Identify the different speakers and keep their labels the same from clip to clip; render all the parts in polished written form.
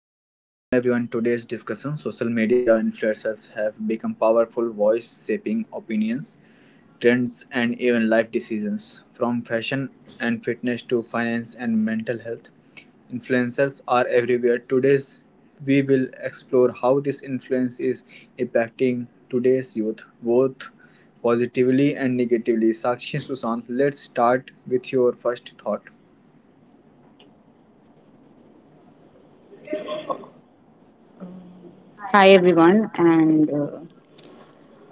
Speaker 1: Yeah, welcome everyone. Today's discussion, social media influencers have become powerful voice shaping opinions, trends, and even life decisions. From fashion and fitness to finance and mental health, influencers are everywhere. Today's we will explore how this influence is impacting today's youth, both positively and negatively. Sakshi Susant, let's start with your first thought.
Speaker 2: Hi, everyone. And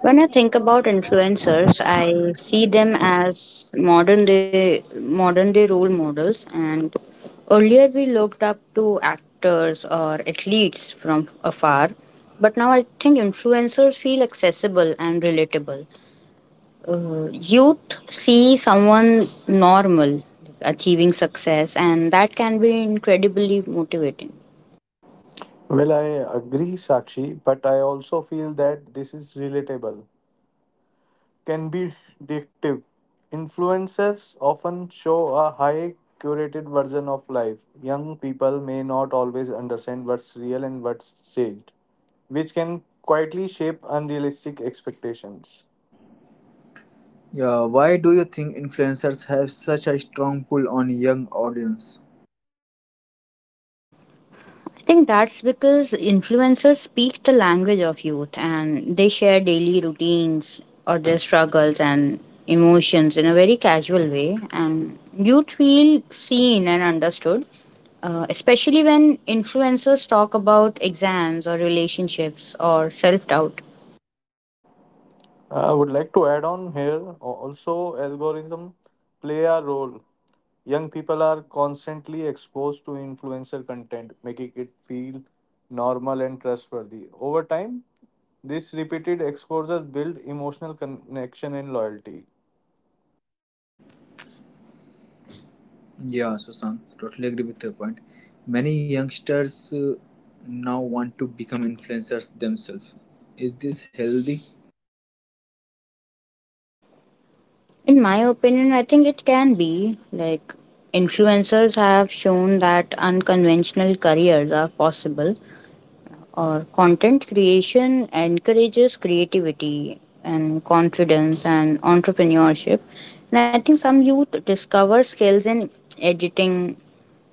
Speaker 2: When I think about influencers, I see them as modern day role models. And earlier, we looked up to actors or athletes from afar, but now I think influencers feel accessible and relatable. Youth see someone normal achieving success, and that can be incredibly motivating.
Speaker 1: Yeah, why do you think influencers have such a strong pull on young audience?
Speaker 2: I think that's because influencers speak the language of youth and they share daily routines or their struggles and emotions in a very casual way. And youth feel seen and understood, especially when influencers talk about exams or relationships or self doubt.
Speaker 1: Yeah, Susan, totally agree with your point. Many youngsters now want to become influencers themselves. Is this healthy?
Speaker 2: In my opinion, I think it can be like influencers have shown that unconventional careers are possible or content creation encourages creativity and confidence and entrepreneurship, and I think some youth discover skills in editing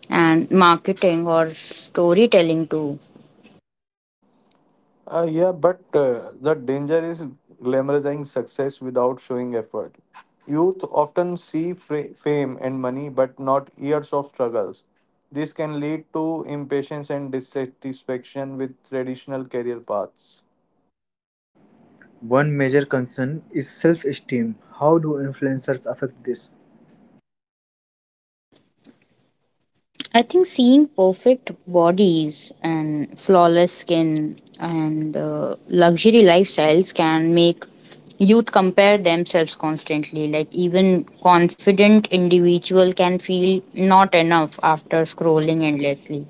Speaker 2: and marketing or storytelling too.
Speaker 1: One major concern is self esteem. How do influencers affect this?
Speaker 2: I think seeing perfect bodies and flawless skin and luxury lifestyles can make youth compare themselves constantly. Like, even confident individual can feel not enough after scrolling endlessly.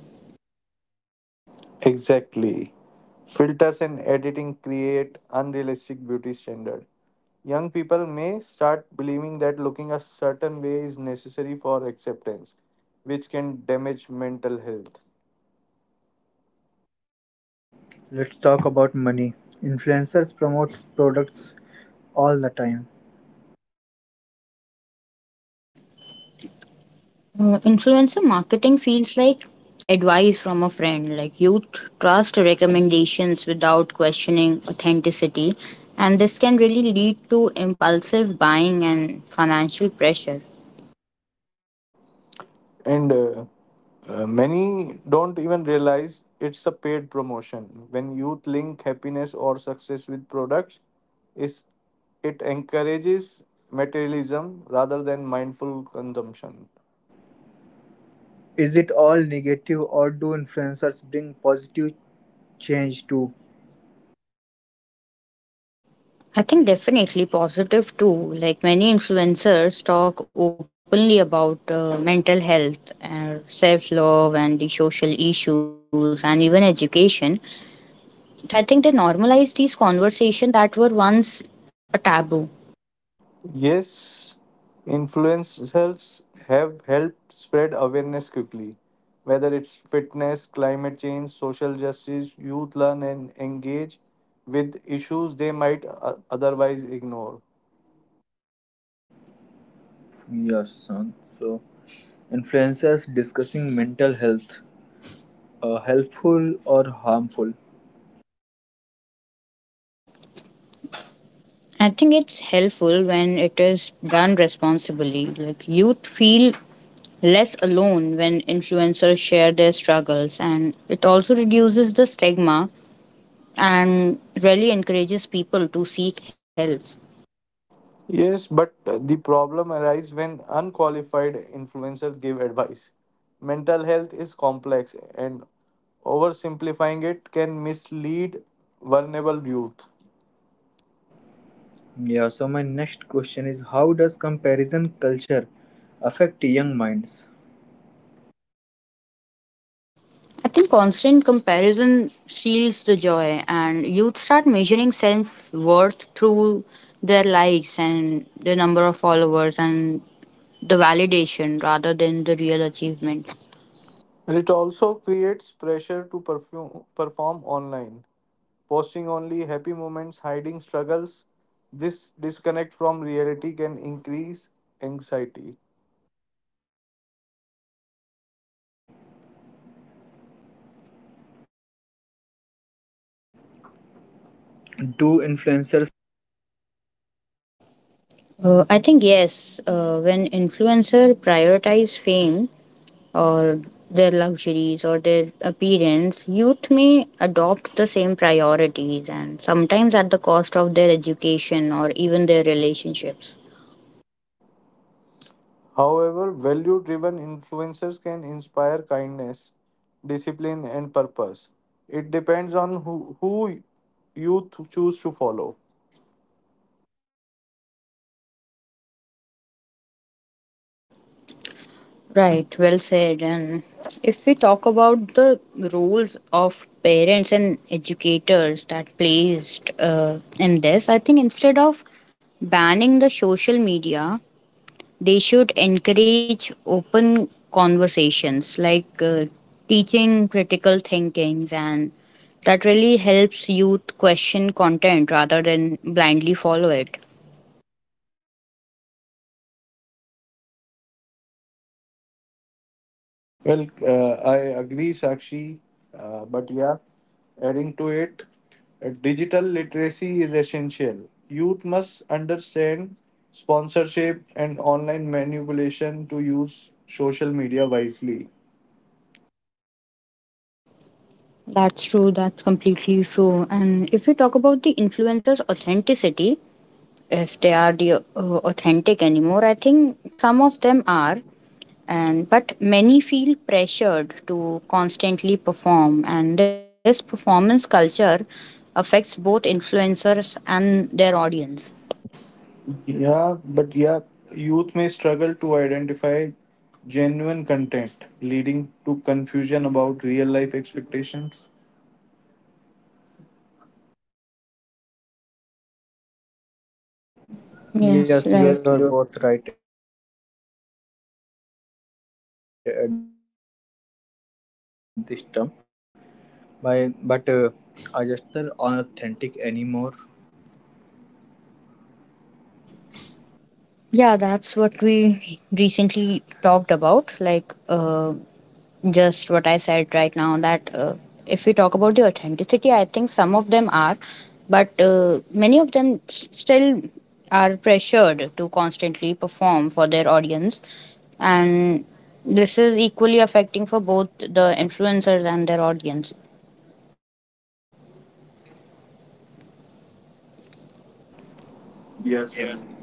Speaker 1: Let's talk about money. Influencers promote products all the time.
Speaker 2: Influencer marketing feels like advice from a friend. Like, youth trust recommendations without questioning authenticity, and this can really lead to impulsive buying and financial pressure.
Speaker 1: Is it all negative or do influencers bring positive change too?
Speaker 2: I think definitely positive too. Like many influencers talk openly about mental health, self love, and the social issues, and even education. I think they normalize these conversations that were once a taboo.
Speaker 1: Yeah, son. So influencers discussing mental health, helpful or harmful?
Speaker 2: I think it's helpful when it is done responsibly. Like youth feel less alone when influencers share their struggles, and it also reduces the stigma and really encourages people to seek help.
Speaker 1: Yeah, so my next question is, how does comparison culture affect young minds?
Speaker 2: I think constant comparison steals the joy, and youth start measuring self worth through their likes and the number of followers and the validation rather than the real achievement.
Speaker 1: Do influencers shape youth values?
Speaker 2: I think, yes, when influencer prioritize fame or their luxuries or their appearance, youth may adopt the same priorities and sometimes at the cost of their education or even their relationships. Right, well said. And if we talk about the roles of parents and educators that placed in this, I think instead of banning the social media, they should encourage open conversations like teaching critical thinkings, and that really helps youth question content rather than blindly follow it. That's true. That's completely true. And if we talk about the influencer's authenticity, if they are the authentic anymore, I think some of them are, and but many feel pressured to constantly perform, and this performance culture affects both influencers and their audience. Yes, right.
Speaker 1: Yes, you are both right at this term. By, but are authentic anymore?
Speaker 2: Yeah, that's what we recently talked about, like just what I said right now, that if we talk about the authenticity, I think some of them are, but many of them still are pressured to constantly perform for their audience, and this is equally affecting for both the influencers and their audience.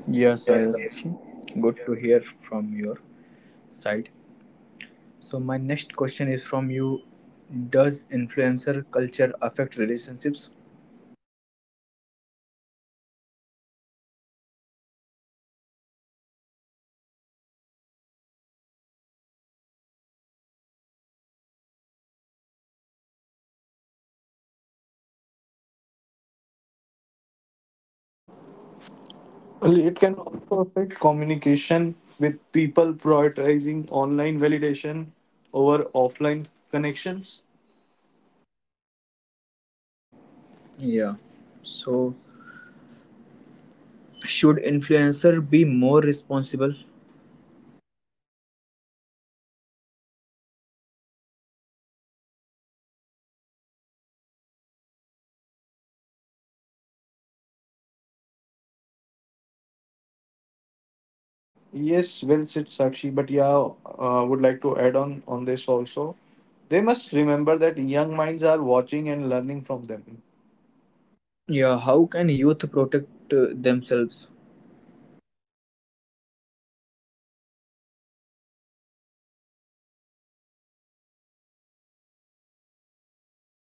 Speaker 1: Yes, Ayushi. Good to hear from your side. So my next question is from you. Does influencer culture affect relationships?
Speaker 2: I think yes, it does, and it sets the unrealistic expectation about romance and friendships and lifestyles. And youth may feel their real life relationships are boring in comparison.
Speaker 1: Yeah. So should influencer be more responsible?
Speaker 2: Absolutely, I think with influence comes responsibility, and transparency about ads and honest storytelling really matters.
Speaker 1: Yeah. How can youth protect themselves?
Speaker 2: I think that can be done by curating their feeds, like follow influencer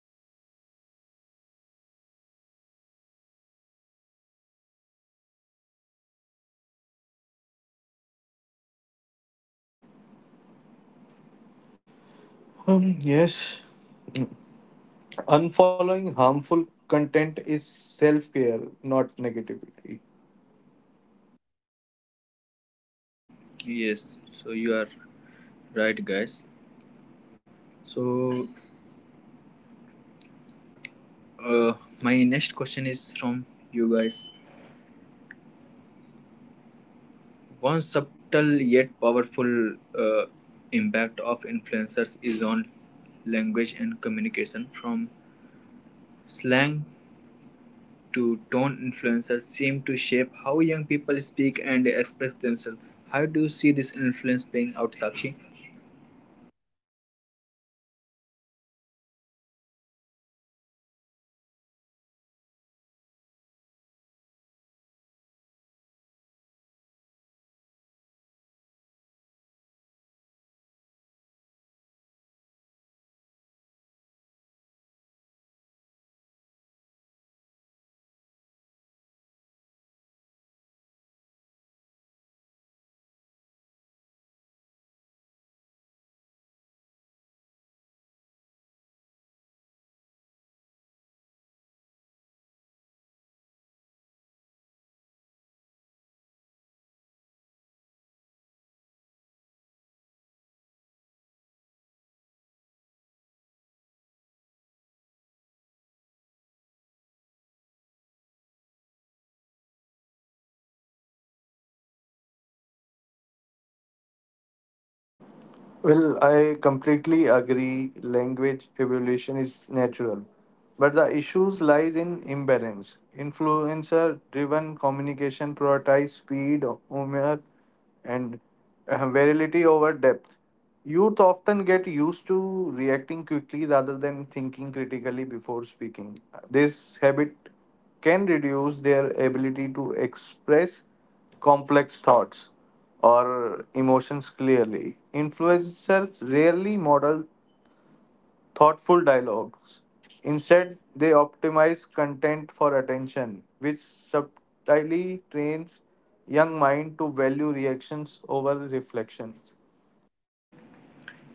Speaker 2: who really educate or inspire and even uplift rather than the trigger security.
Speaker 1: Yes. So you are right, guys. So Uh, my next question is from you guys. One subtle yet powerful impact of influencers is on language and communication. From slang to tone, influencers seem to shape how young people speak and express themselves. How do you see this influence playing out, Sakshi?
Speaker 2: I think influencers have significantly reshaped the way youth communicate today, and the phrases or slang and expression used by the influencers, they quickly become a part of like everyday language, especially among the teenager and young adults. And while this creates a sense of belonging and relatability, I think it's also blurs the line between casual and formal communication, and many young people struggle to adapt their language in professional or in academic settings because they're constantly immersed in informal, like fast paced digital conversation. And I believe over time, this can affect the confidence in public speaking, even in interviews or just the structured discussions where clarity and articulation matters.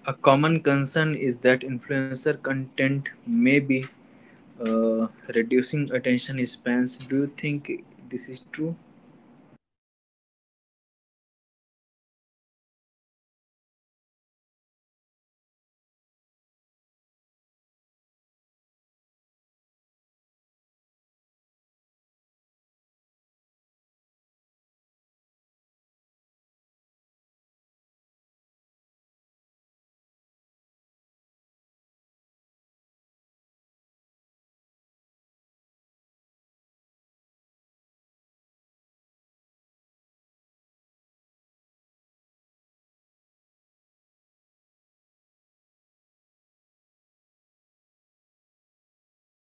Speaker 1: A common concern is that influencer content may be uh, reducing attention spans. Do you think this is true?
Speaker 2: I think yes, to a very large extent, and I think influencer content is designed for quick consumption, like short videos and fast cuts and constant stimulation. And I think youth gets accustomed to instant entertainment and immediate rewards such as likes and comments. And this really makes activities that require sustained focus, like studying and reading or learning a skill, or feel mentally exhausting. And over time, I think patience decreases and the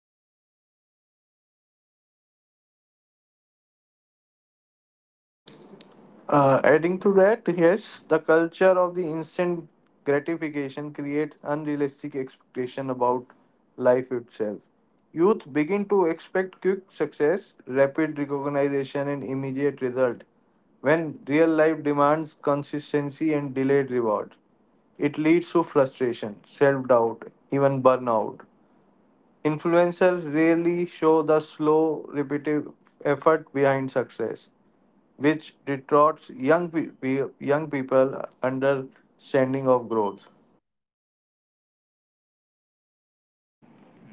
Speaker 2: ability to stay engaged with long term goals weakens.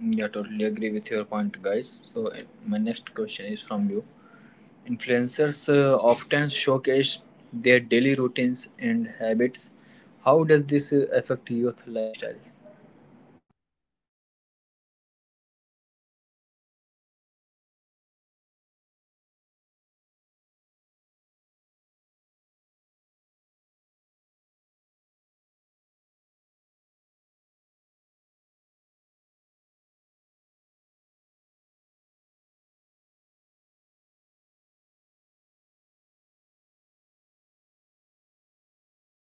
Speaker 1: Yeah, totally agree with your point, guys. So, my next question is from you. Influencers often showcase their daily routines and habits. How does this affect youth lifestyles?
Speaker 2: In my opinion, I would say influencers create a visual blueprint of what a successful, or we can say productive life should look like. Like early mornings, perfect meals, aesthetic spaces, and constant self improvement. While this can be motivating, I think it's also creates pressure. Like youth may feel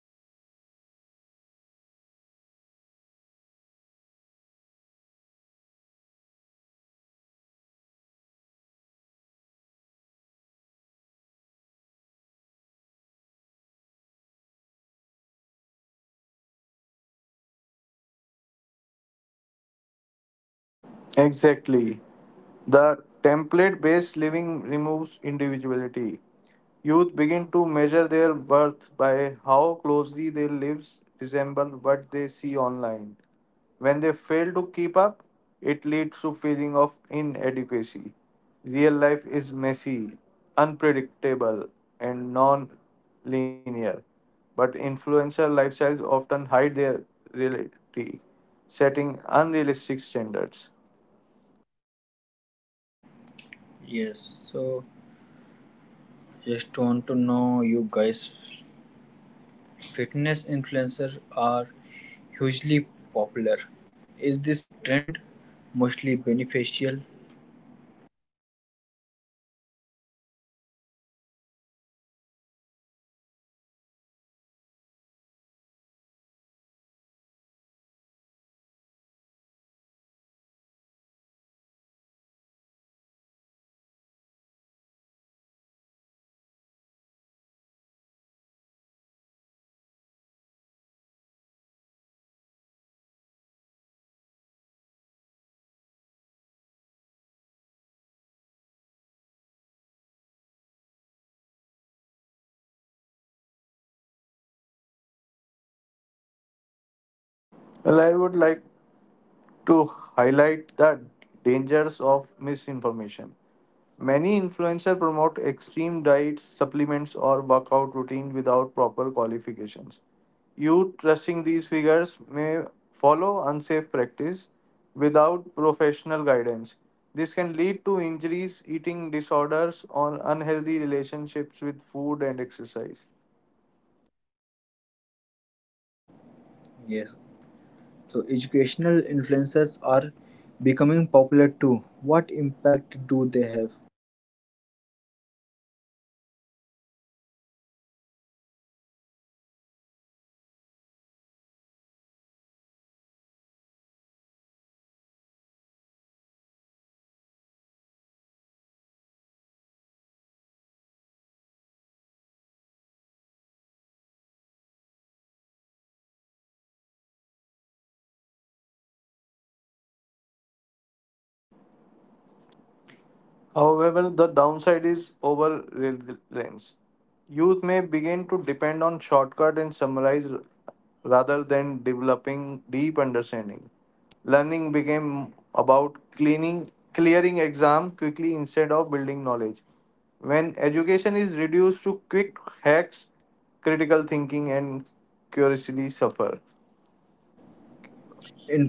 Speaker 2: guilty if their lives don't match these routines, even though everyone's circumstances are different. Like instead of discovering what works for them personally, many young people still try to copy influencers lifestyles that may not be realistic or sustainable.
Speaker 1: Yes, so just want to know you guys. Fitness influencers are hugely popular. Is this trend mostly beneficial?
Speaker 2: I think there's definitely a positive side, and fitness influencers have encouraged many young people to prioritize physical activity, or we can say self care. But I think for youth who lacked motivation earlier, seeing relatable figures focus on health can be really inspiring. However, I think problems arises when fitness is portrayed as appearance focused rather than health focused, and youth may associate worth with body shape instead of well being.
Speaker 1: Yes, so, educational influencers are becoming popular too. What impact do they have?
Speaker 2: Educational influence have made learning more accessible and engaging, and they simplify the complex topics and they really make studying feel less intimidating. And I think for many students, this content acts as a helpful starting point or revision tool.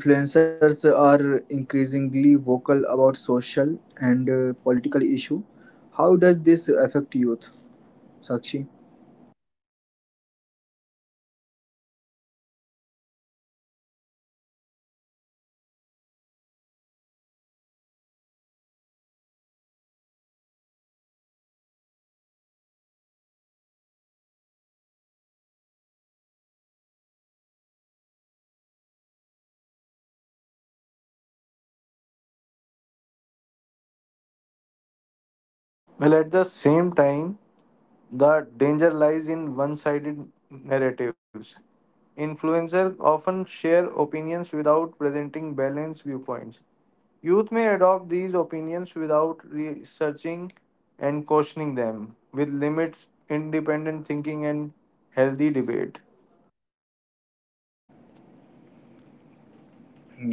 Speaker 1: Influencers are increasingly vocal about social and political issue. How does this affect youth, Sakshi?
Speaker 2: I think this trend has encouraged youth to be more socially aware and engaged. Like, I've seen many young people who were earlier indifferent is now actively discussing the important issues, and that influencers have made civic participation feel really accessible and relevant.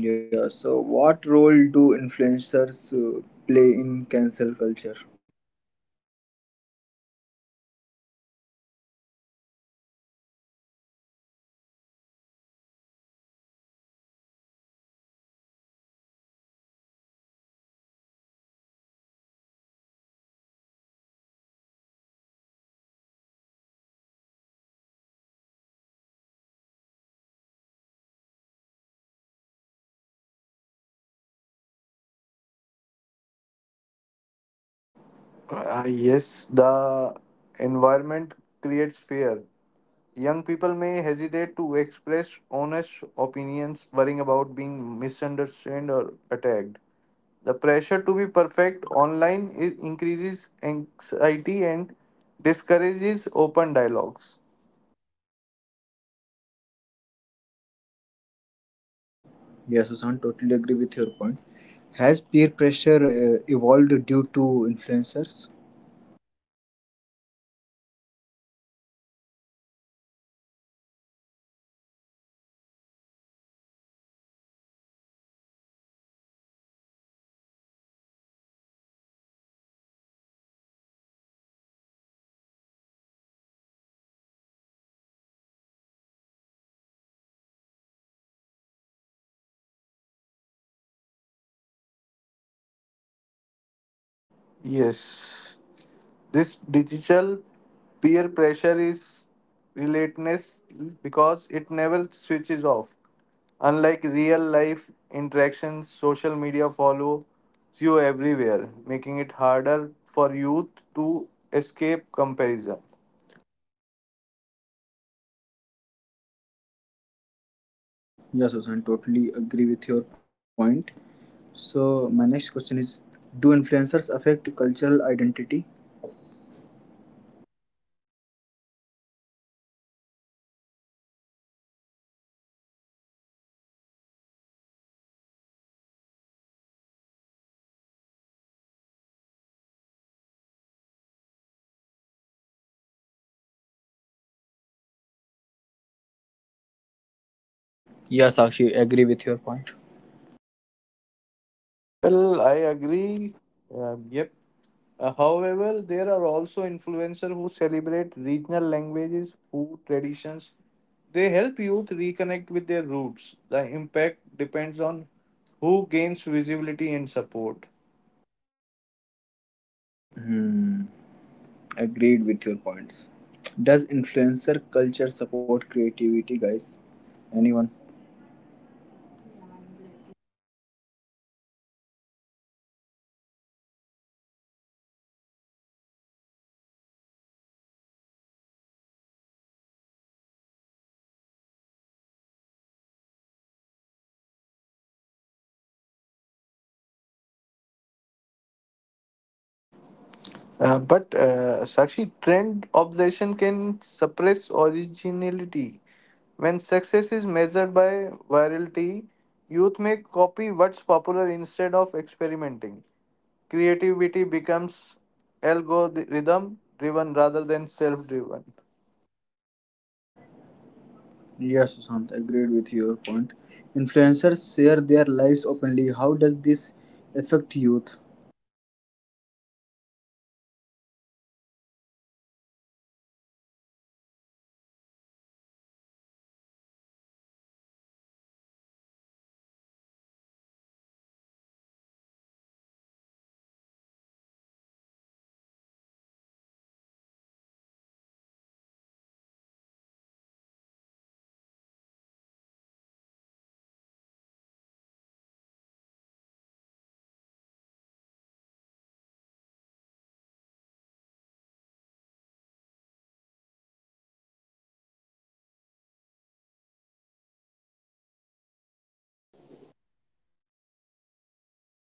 Speaker 1: Yeah. So, what role do influencers in cancel culture?
Speaker 2: If we talk about the cancel culture, I think influencers often amplify public outrage, which teaches youth that mistakes deserve instant punishment rather than understanding. And I think while accountability is important, the lack of empathy in cancel culture can be damaging, and youth learn to judge really quickly instead of listening fully.
Speaker 1: Yes, Susan, totally agree with your point. Has peer pressure evolved due to influencers?
Speaker 2: I think definitely earlier peer pressure came from friends or classmates, but I think now it comes from millions of people online. Like youth is constantly comparing their looks and achievements and lifestyles with the influencers, and I think which really creates the intense pressure to keep up.
Speaker 1: Yes, Susan, totally agree with your point. So my next question is, do influencers affect cultural identity?
Speaker 2: I think many influencers promote Western lifestyles as aspirational, and which can really make youth feel disconnected from their own traditions, and cultural practices may be seen as outdated or irrelevant.
Speaker 1: Yes, Sakshi, agree with your point. Hmm, agreed with your points. Does influencer culture support creativity, guys? Anyone?
Speaker 2: Yeah, I would like to add on that. I think influencers expose youth to new ideas and formats and possibilities which can spark the creativity within them. And I think many young creators find inspiration through social media.
Speaker 1: Yes, Sushant, agreed with your point. Influencers share their lives openly. How does this affect youth?